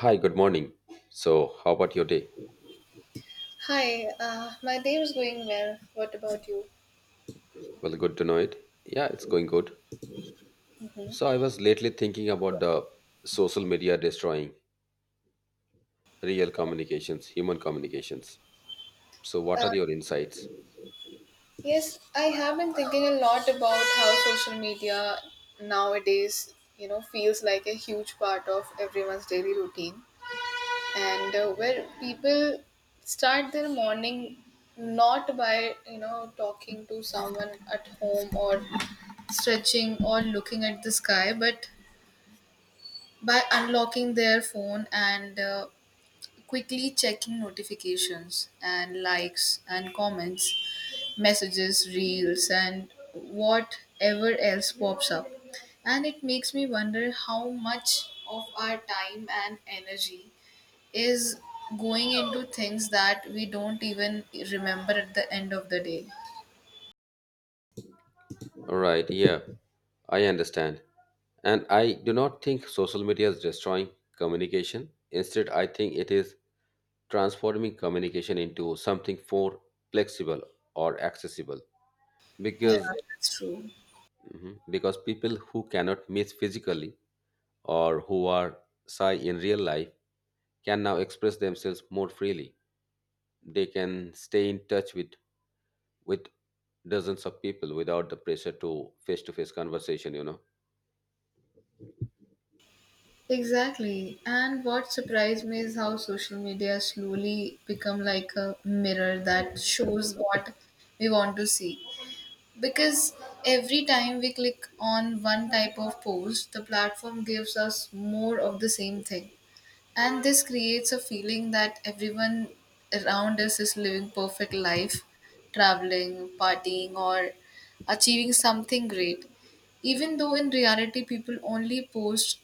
Hi, good morning. So, how about your day? Hi, my day was going well. What about you? Well, good to know it. Yeah, it's going good. Hmm. So, I was lately thinking about the social media destroying real communications, human communications. So, what Uh, are your insights? yes, I have been thinking a lot about how social media nowadays, feels like a huge part of everyone's daily routine, and where people start their morning not by talking to someone at home or stretching or looking at the sky, but by unlocking their phone and quickly checking notifications and likes and comments, messages, reels, and whatever else pops up. And it makes me wonder how much of our time and energy is going into things that we don't even remember at the end of the day. All right, yeah, I understand. And I do not think social media is destroying communication. Instead, I think it is transforming communication into something more flexible or accessible Yeah, because that's true. Mhm. because people who cannot meet physically or who are shy in real life can now express themselves more freely. They can stay in touch with dozens of people without the pressure to face conversation, you know. Exactly. And what surprised me is how social media slowly become like a mirror that shows what we want to see. Because every time we click on one type of post, the platform gives us more of the same thing. And this creates a feeling that everyone around us is living perfect life, traveling, partying or achieving something great. Even though in reality people only post,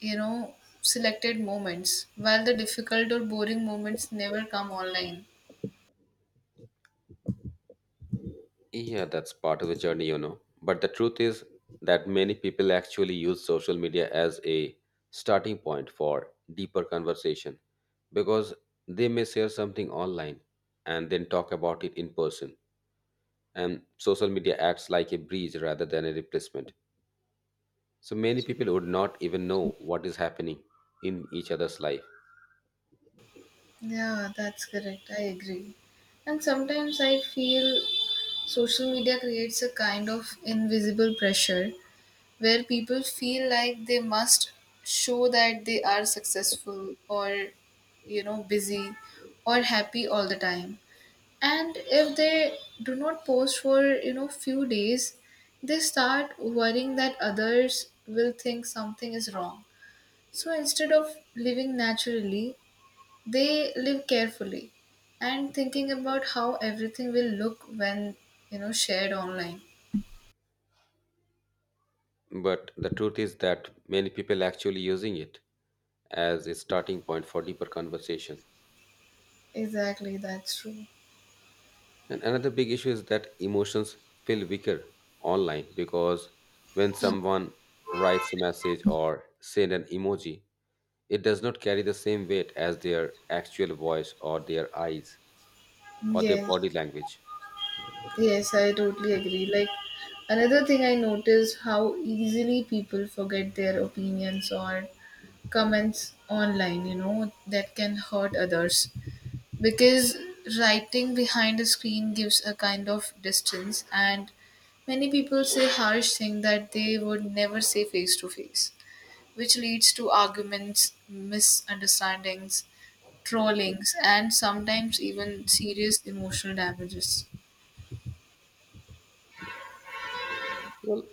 you know, selected moments, while the difficult or boring moments never come online. Yeah, that's part of the journey, you know. But the truth is that many people actually use social media as a starting point for deeper conversation because they may share something online and then talk about it in person. And social media acts like a bridge rather than a replacement. So many people would not even know what is happening in each other's life. Yeah, that's correct. I agree. And sometimes I feel social media creates a kind of invisible pressure where people feel like they must show that they are successful or, busy or happy all the time. And if they do not post for, few days, they start worrying that others will think something is wrong. So instead of living naturally, they live carefully and thinking about how everything will look when shared online. But the truth is that many people actually using it as a starting point for deeper conversation. Exactly, that's true. And another big issue is that emotions feel weaker online because when someone writes a message or send an emoji, it does not carry the same weight as their actual voice or their eyes or their Yes, body language. yes, I totally agree. Like, another thing I noticed how easily people forget their opinions or comments online, that can hurt others. Because writing behind a screen gives a kind of distance, and many people say harsh things that they would never say face to face, which leads to arguments, misunderstandings, trollings, and sometimes even serious emotional damages. Well,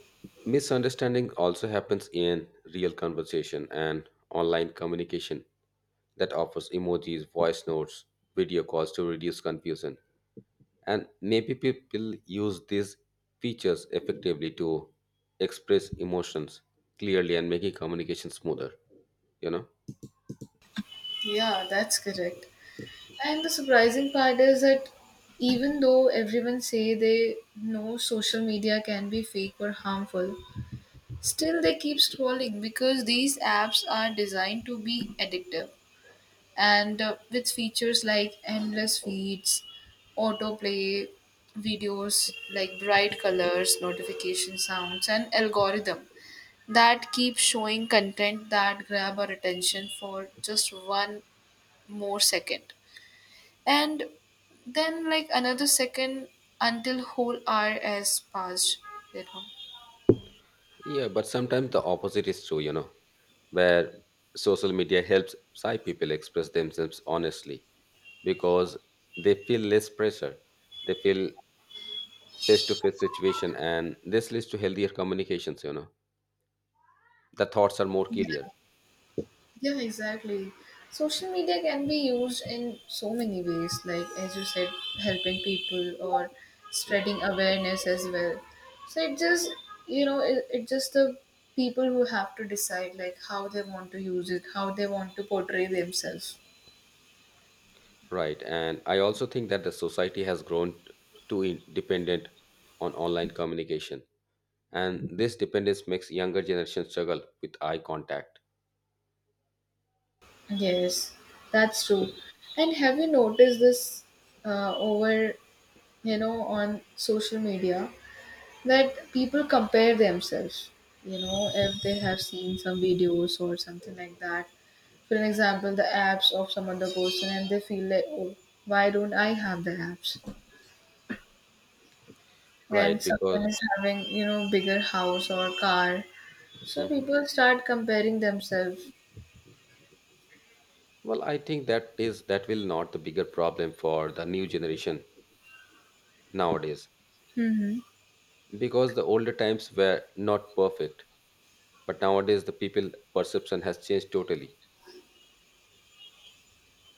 misunderstanding also happens in real conversation and online communication that offers emojis, voice notes, video calls to reduce confusion. And maybe people use these features effectively to express emotions clearly and making communication smoother, you know? Yeah, that's correct. And the surprising part is that even though everyone say they know social media can be fake or harmful, still they keep scrolling because these apps are designed to be addictive and with features like endless feeds, autoplay, videos like bright colors, notification sounds and algorithm that keep showing content that grab our attention for just one more second and then like another second until whole hour has passed you know Yeah, but sometimes the opposite is true, you know, where social media helps Thai people express themselves honestly because they feel less pressure. They feel face to face situation and this leads to healthier communications, you know. The thoughts are more clear. Yeah, exactly. Social media can be used in so many ways, like as you said, helping people or spreading awareness as well. So it just, it just the people who have to decide like how they want to use it, how they want to portray themselves. Right. And I also think that the society has grown too in- dependent on online communication. And this dependence makes younger generation struggle with eye contact. Yes, that's true. And have you noticed this over, on social media that people compare themselves, if they have seen some videos or something like that. For an example, the apps of some other person, and they feel like, oh, why don't I have the apps? Right, And because someone is having, bigger house or car. So Mhm. people start comparing themselves. Well, I think that is that will not the bigger problem for the new generation nowadays Mm-hmm. because the older times were not perfect, but nowadays the people perception has changed totally.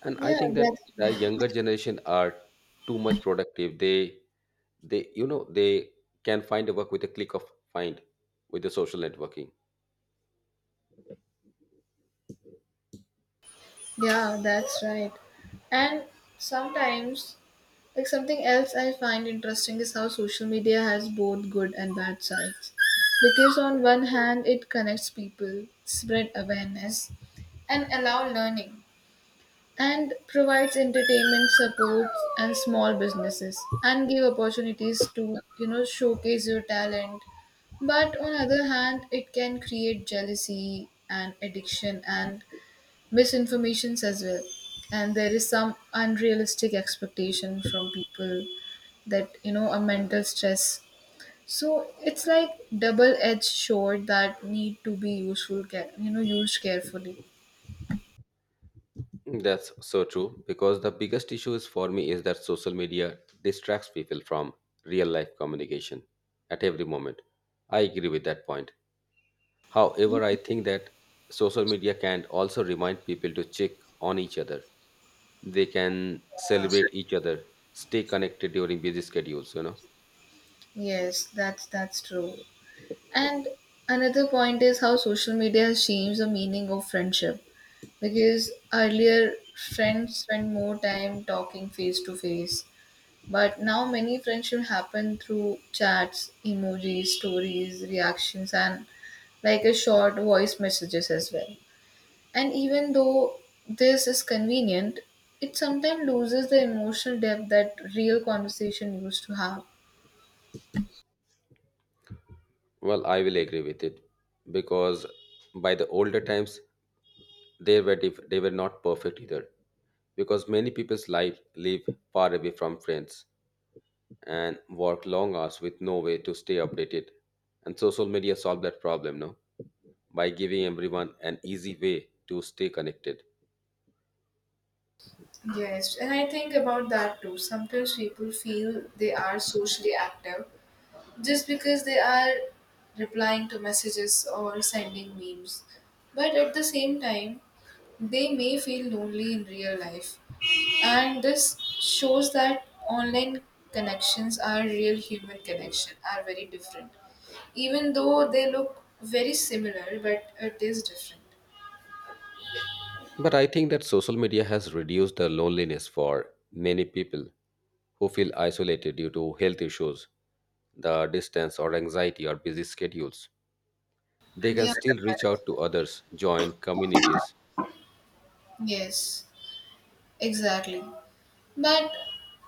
And I Yeah, think that that's the younger generation are too much productive. They you know they can find a work with a click of find with the social networking. Yeah, that's right. And sometimes, like something else I find interesting is how social media has both good and bad sides. Because on one hand, it connects people, spread awareness, and allow learning, and provides entertainment supports and small businesses, and give opportunities to showcase your talent. But on other hand, it can create jealousy and addiction and misinformations as well, and there is some unrealistic expectation from people that a mental stress, so it's like double edged sword that need to be useful care, used carefully. That's so true because the biggest issue is for me is that social media distracts people from real life communication at every moment. I agree with that point. However, I think that social media can also remind people to check on each other. They can celebrate each other, stay connected during busy schedules, you know. That's true. And another point is how social media has changed the meaning of friendship, because earlier friends spend more time talking face to face. But now many friendships happen through chats, emojis, stories, reactions, and like a short voice messages as well. And even though this is convenient, it sometimes loses the emotional depth that real conversation used to have. Well, I will agree with it because by the older times, they were not perfect either because many people's life live far away from friends and work long hours with no way to stay updated. And social media solved that problem, no, by giving everyone an easy way to stay connected. Yes, and I think about that too. Sometimes people feel they are socially active, just because they are replying to messages or sending memes. But at the same time, they may feel lonely in real life. And this shows that online connections are real human connection are very different. Even though they look very similar, but it is different. But I think that social media has reduced the loneliness for many people who feel isolated due to health issues, the distance or anxiety or busy schedules. They can Yeah. still reach out to others, join communities. Yes, exactly. But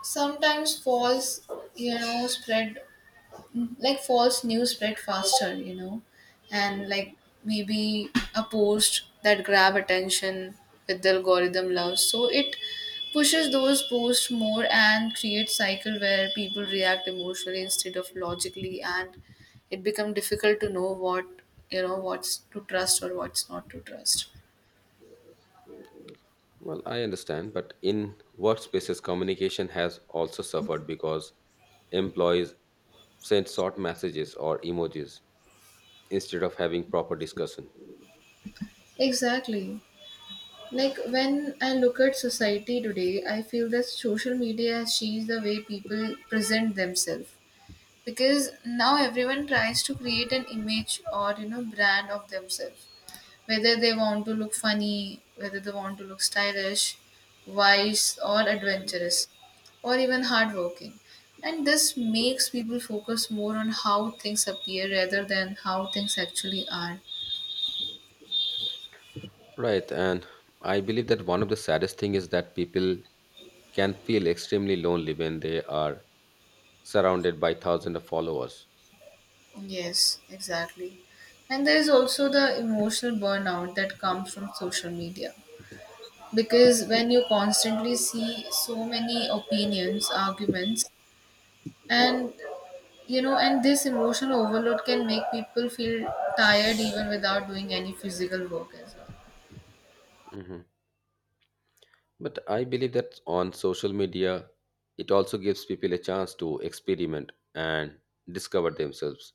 sometimes false, spread like false news spread faster, and like maybe a post that grab attention with the algorithm loves, so it pushes those posts more and creates cycle where people react emotionally instead of logically, and it become difficult to know what what's to trust or what's not to trust. Well, I understand, but in workspaces, communication has also suffered because employees send short messages or emojis instead of having proper discussion. Exactly. Like when I look at society today, I feel that social media has changed the way people present themselves. Because now everyone tries to create an image or brand of themselves, whether they want to look funny, whether they want to look stylish, wise or adventurous or even hardworking, and this makes people focus more on how things appear rather than how things actually are. Right, and I believe that one of the saddest thing is that people can feel extremely lonely when they are surrounded by thousands of followers. Yes, exactly. And there is also the emotional burnout that comes from social media, because when you constantly see so many opinions arguments and and this emotional overload can make people feel tired even without doing any physical work as well. Mhm. But I believe that on social media, it also gives people a chance to experiment and discover themselves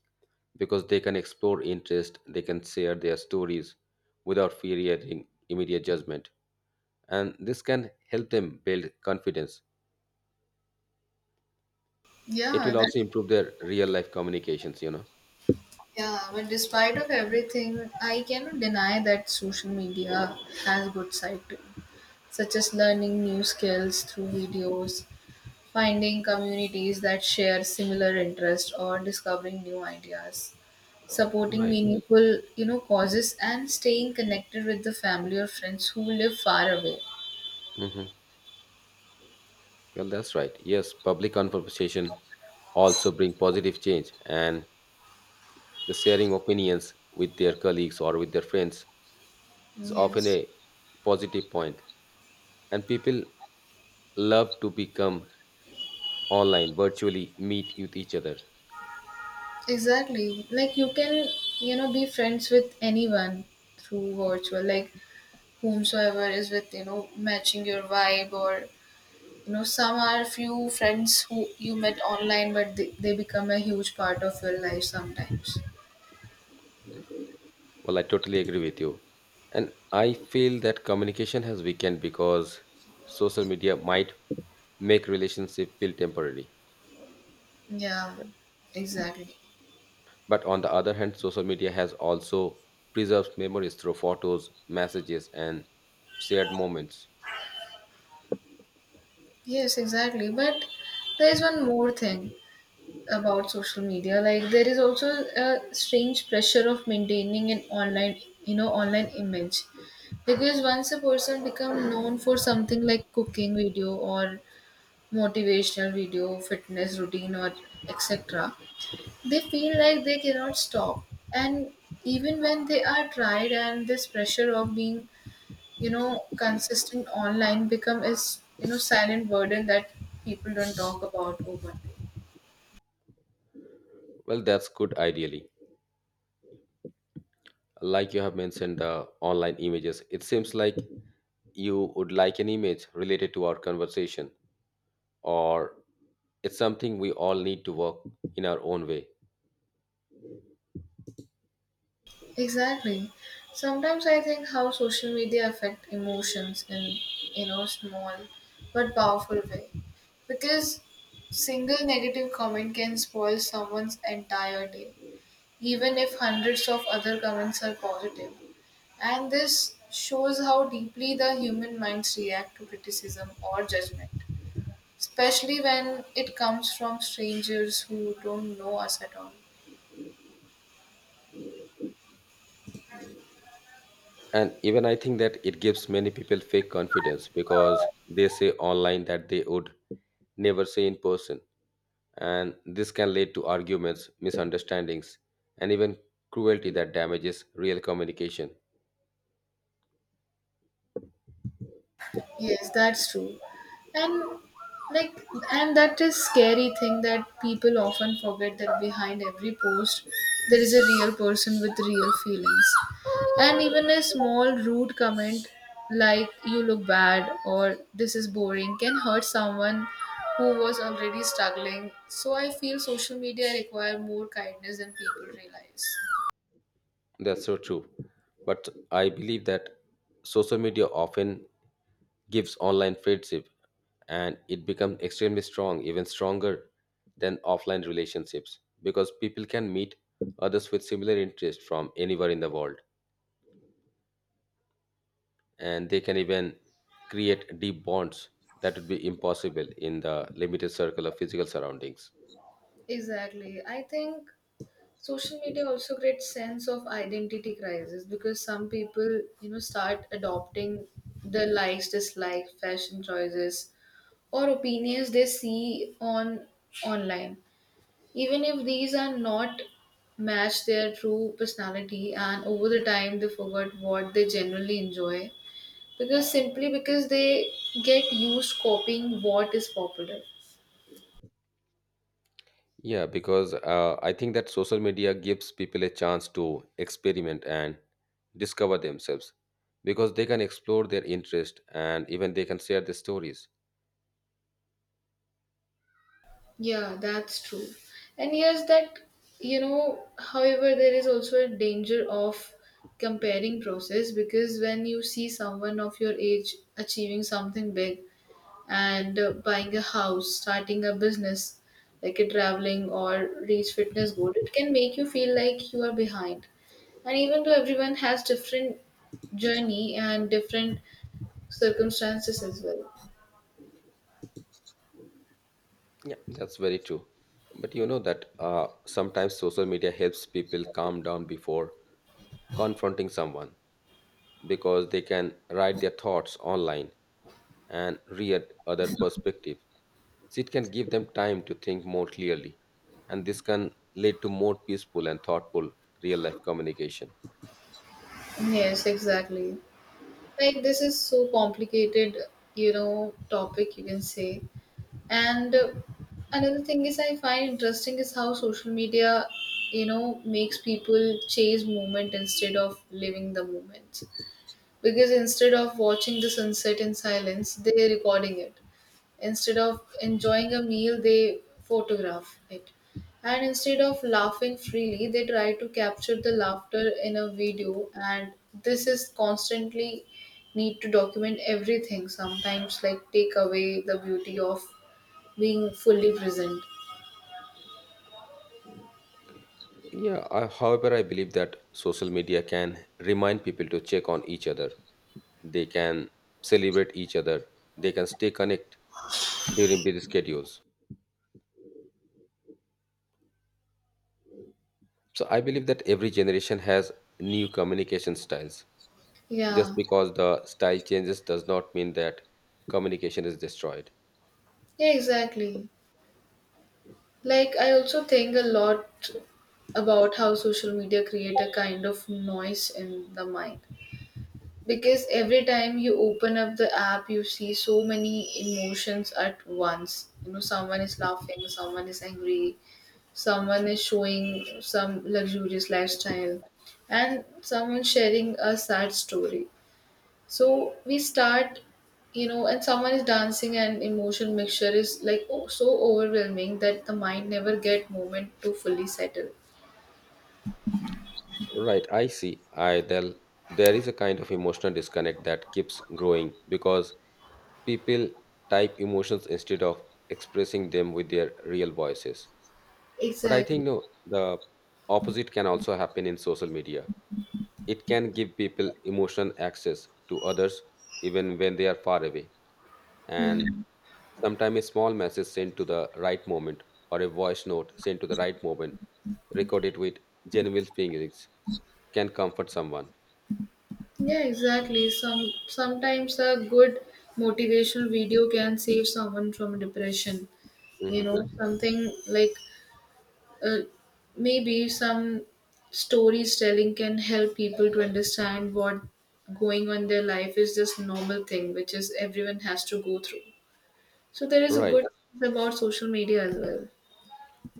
because they can explore interest, they can share their stories without fearing immediate judgment, and this can help them build confidence. It yeah will that also improve their real life communications, you know. yeah, but despite of everything I cannot deny that social media has good side too, such as learning new skills through videos, finding communities that share similar interests or discovering new ideas, supporting Right. meaningful causes and staying connected with the family or friends who live far away. Mhm. Well, that's right. Yes, public conversation also bring positive change, and the sharing opinions with their colleagues or with their friends is often Yes, a positive point. And people love to become online, virtually meet with each other. exactly. Like you can, be friends with anyone through virtual, like whomsoever is with, matching your vibe or some are few friends who you met online but they become a huge part of your life sometimes. Well, I totally agree with you. And I feel that communication has weakened because social media might make relationship feel temporary. Yeah, exactly. But on the other hand, social media has also preserves memories through photos, messages, and shared moments. Yes, exactly. But there is one more thing about social media, like there is also a strange pressure of maintaining an online online image, because once a person become known for something like cooking video or motivational video fitness routine or etc, they feel like they cannot stop, and even when they are tried, and this pressure of being consistent online become is silent burden that people don't talk about openly. Well, that's good ideally. Like you have mentioned the online images, it seems like you would like an image related to our conversation, or it's something we all need to work in our own way. Exactly. Sometimes I think how social media affect emotions in small but powerful way. Because single negative comment can spoil someone's entire day, even if hundreds of other comments are positive. And this shows how deeply the human minds react to criticism or judgment, especially when it comes from strangers who don't know us at all. And even I think that it gives many people fake confidence because they say online that they would never say in person. And this can lead to arguments, misunderstandings, and even cruelty that damages real communication. Yes, that's true. And like and that is scary thing that people often forget that behind every post there is a real person with real feelings. And even a small rude comment like you look bad or this is boring can hurt someone who was already struggling. So I feel social media require more kindness than people realize. That's so true. But I believe that social media often gives online friendship and it becomes extremely strong, even stronger than offline relationships because people can meet others with similar interests from anywhere in the world and they can even create deep bonds that would be impossible in the limited circle of physical surroundings. Exactly. I think social media also creates sense of identity crisis because some people start adopting the likes dislikes fashion choices or opinions they see on online, even if these are not match their true personality, and over the time they forget what they generally enjoy because simply because they get used copying what is popular. Yeah, because I think that social media gives people a chance to experiment and discover themselves because they can explore their interest and even they can share their stories. Yeah, that's true. And yes, that, however, there is also a danger of comparing process because when you see someone of your age achieving something big and buying a house, starting a business, like a traveling or reach fitness goal, it can make you feel like you are behind. And even though everyone has different journey and different circumstances as well. Yeah, that's very true. But you know that sometimes social media helps people calm down before confronting someone because they can write their thoughts online and read other perspective. So it can give them time to think more clearly, and this can lead to more peaceful and thoughtful real life communication. Yes, exactly. Like this is so complicated, topic you can say. And another thing is I find interesting is how social media, makes people chase moment instead of living the moment. Because instead of watching the sunset in silence, they're recording it. Instead of enjoying a meal, they photograph it. And instead of laughing freely, they try to capture the laughter in a video. And this is constantly need to document everything, sometimes, like take away the beauty of being fully present. Yeah, however, I believe that social media can remind people to check on each other. They can celebrate each other. They can stay connected during busy schedules. So I believe that every generation has new communication styles. Just Yeah, because the style changes does not mean that communication is destroyed. yeah, exactly. Like, I also think a lot about how social media create a kind of noise in the mind. Because every time you open up the app, you see so many emotions at once. You know, someone is laughing, someone is angry, someone is showing some luxurious lifestyle, and someone sharing a sad story. So we start, and someone is dancing, and emotion mixture is like oh, so overwhelming that the mind never get moment to fully settle. Right, I see. I del There is a kind of emotional disconnect that keeps growing because people type emotions instead of expressing them with their real voices. But I think Exactly. no, the opposite can also happen in social media. It can give people emotional access to others even when they are far away. And sometimes a small message sent to the right moment or a voice note sent to the right moment record it with genuine feelings can comfort someone. Yeah, exactly. Sometimes a good motivational video can save someone from depression. You know, Hmm. something like uh, maybe some stories telling can help people to understand what going on in their life is just normal thing, which is everyone has to go through. So there is a Right, good about social media as well.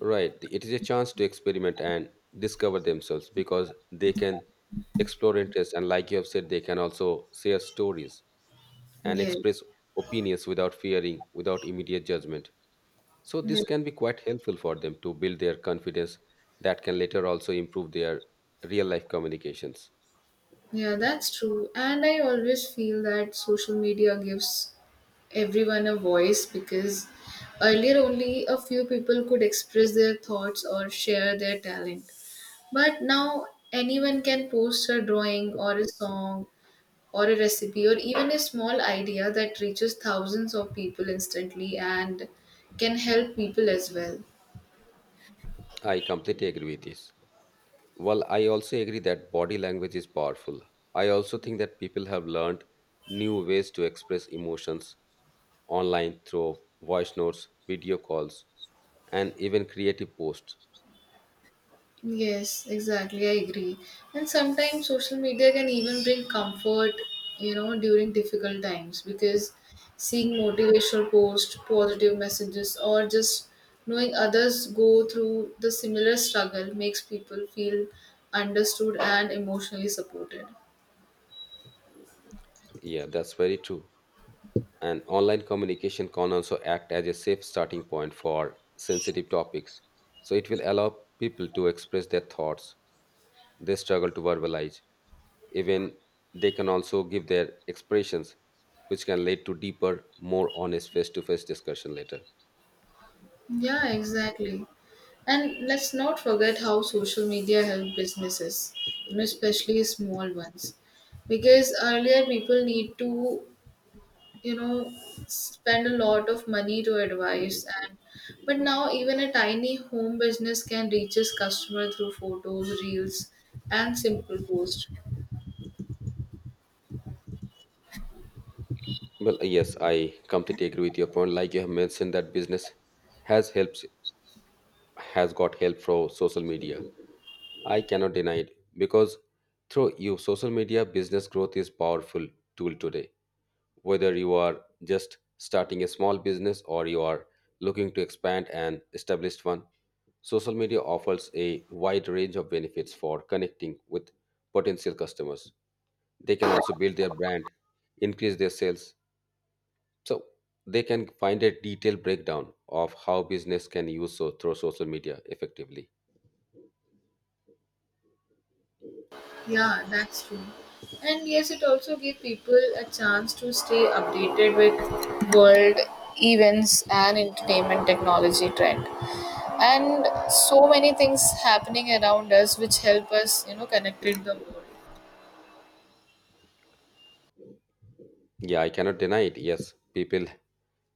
right. It is a chance to experiment and discover themselves because they can explore interests and, like you have said, they can also share stories and Yeah. express opinions without fearing, without immediate judgment. So, Yeah, this can be quite helpful for them to build their confidence that can later also improve their real life communications. yeah, that's true. And I always feel that social media gives everyone a voice because earlier only a few people could express their thoughts or share their talent. But now anyone can post a drawing or a song or a recipe or even a small idea that reaches thousands of people instantly and can help people as well. I completely agree with this. Well, I also agree that body language is powerful. I also think that people have learned new ways to express emotions online through voice notes, video calls, and even creative posts. Yes, exactly. I agree. And sometimes social media can even bring comfort, during difficult times because seeing motivational posts, positive messages, or just knowing others go through the similar struggle makes people feel understood and emotionally supported. Yeah, that's very true. And online communication can also act as a safe starting point for sensitive topics. So it will allow people to express their thoughts they struggle to verbalize. Even they can also give their expressions which can lead to deeper more honest face-to-face discussion later. Yeah, exactly. And let's not forget how social media help businesses, especially small ones. Because earlier people need to you know spend a lot of money to advise, and but now even a tiny home business can reach its customer through photos reels and simple posts. Well yes, I completely agree with your point. Like you have mentioned that business has helps has got help from social media. I cannot deny it because through you social media business growth is powerful tool today. Whether you are just starting a small business or you are looking to expand an established one, social media offers a wide range of benefits for connecting with potential customers. They can also build their brand, increase their sales. So they can find a detailed breakdown of how business can use so, through social media effectively. Yeah, that's true. And yes, it also gives people a chance to stay updated with world events and entertainment technology trend, and so many things happening around us which help us connected the world. Yeah, I cannot deny it. Yes, people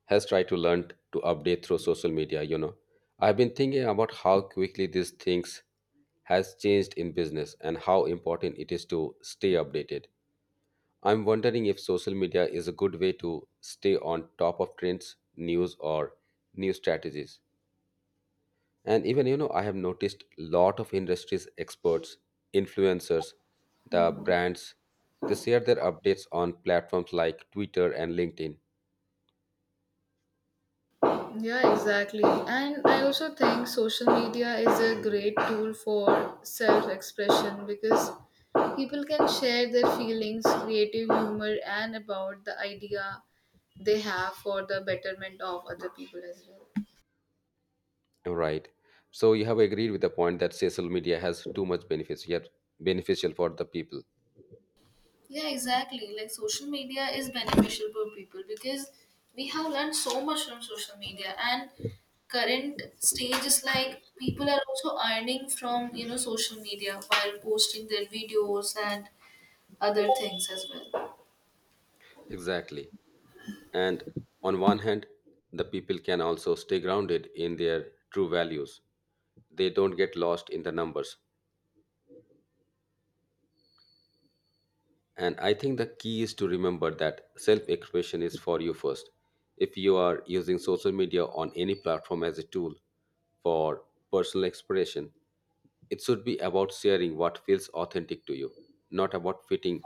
has tried to learn to update through social media, you know. I've been thinking about how quickly these things has changed in business and how important it is to stay updated. I'm wondering if social media is a good way to stay on top of trends, news or new strategies. And even you know, I have noticed lot of industries experts, influencers, the Mhm. brands, they share their updates on platforms like Twitter and LinkedIn. Yeah, exactly. And I also think social media is a great tool for self expression because people can share their feelings, creative humor, and about the idea they have for the betterment of other people as well. Right. So you have agreed with the point that social media has too much benefits, yet beneficial for the people. Yeah, exactly. Like social media is beneficial for people because we have learned so much from social media, and current stage is like people are also earning from social media while posting their videos and other things as well. Exactly. And on one hand, the people can also stay grounded in their true values. They don't get lost in the numbers. And I think the key is to remember that self expression is for you first. If you are using social media on any platform as a tool for personal expression, it should be about sharing what feels authentic to you, not about fitting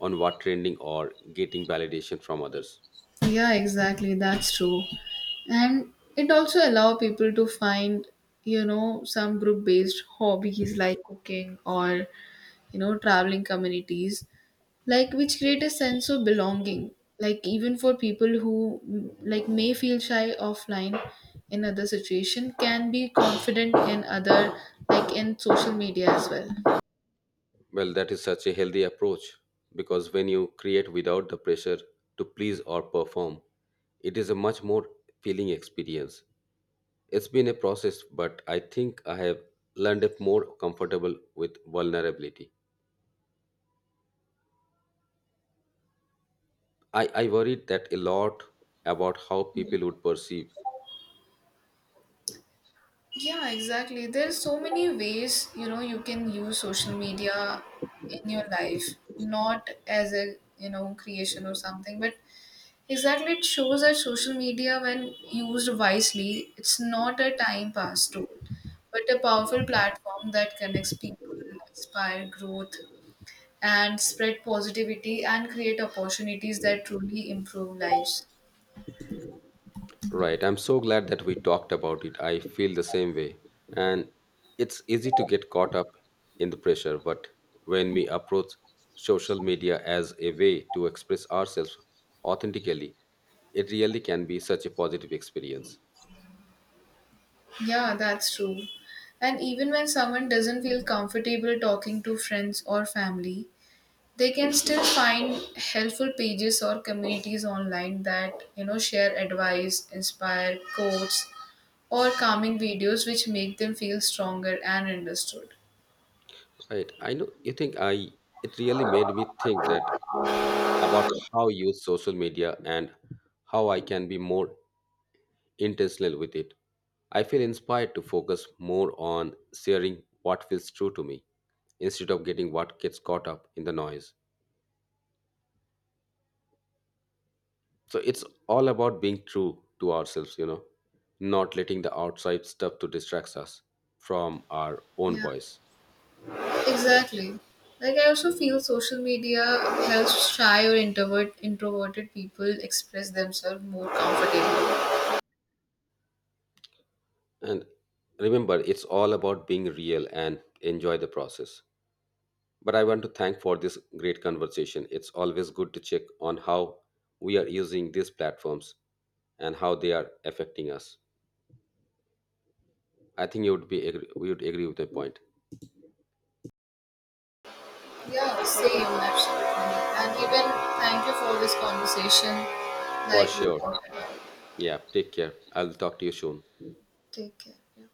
on what trending or getting validation from others. Yeah, exactly. That's true. And it also allow people to find, some group based hobbies like cooking or, traveling communities, like which create a sense of belonging, like even for people who like may feel shy offline in other situation can be confident in other like in social media as well. Well, that is such a healthy approach because when you create without the pressure to please or perform, it is a much more feeling experience. It's been a process, but I think I have learned it more comfortable with vulnerability. I worried that a lot about how people would perceive. Yeah, exactly. There's so many ways, you can use social media in your life, not as a creation or something, but exactly, it shows that social media, when used wisely, it's not a time pass tool, but a powerful platform that connects people, inspire growth, and spread positivity and create opportunities that truly improve lives. Right, I'm so glad that we talked about it. I feel the same way. And it's easy to get caught up in the pressure, but when we approach social media as a way to express ourselves authentically, it really can be such a positive experience. Yeah, that's true. And even when someone doesn't feel comfortable talking to friends or family, they can still find helpful pages or communities online that share advice, inspire quotes, or calming videos which make them feel stronger and understood. Right, I know you think it really made me think that about how I use social media and how I can be more intentional with it. I feel inspired to focus more on sharing what feels true to me instead of getting what gets caught up in the noise. So it's all about being true to ourselves, you know, not letting the outside stuff to distract us from our own Yeah, voice. exactly. Like I also feel social media helps shy or introverted people express themselves more comfortably. And remember, it's all about being real and enjoy the process. But I want to thank for this great conversation. It's always good to check on how we are using these platforms and how they are affecting us. I think you would be agree, we would agree with the point. Yeah, same, absolutely. And even thank you for this conversation. For Like we sure. talked about. Yeah, take care. I'll talk to you soon. Take care. Yeah.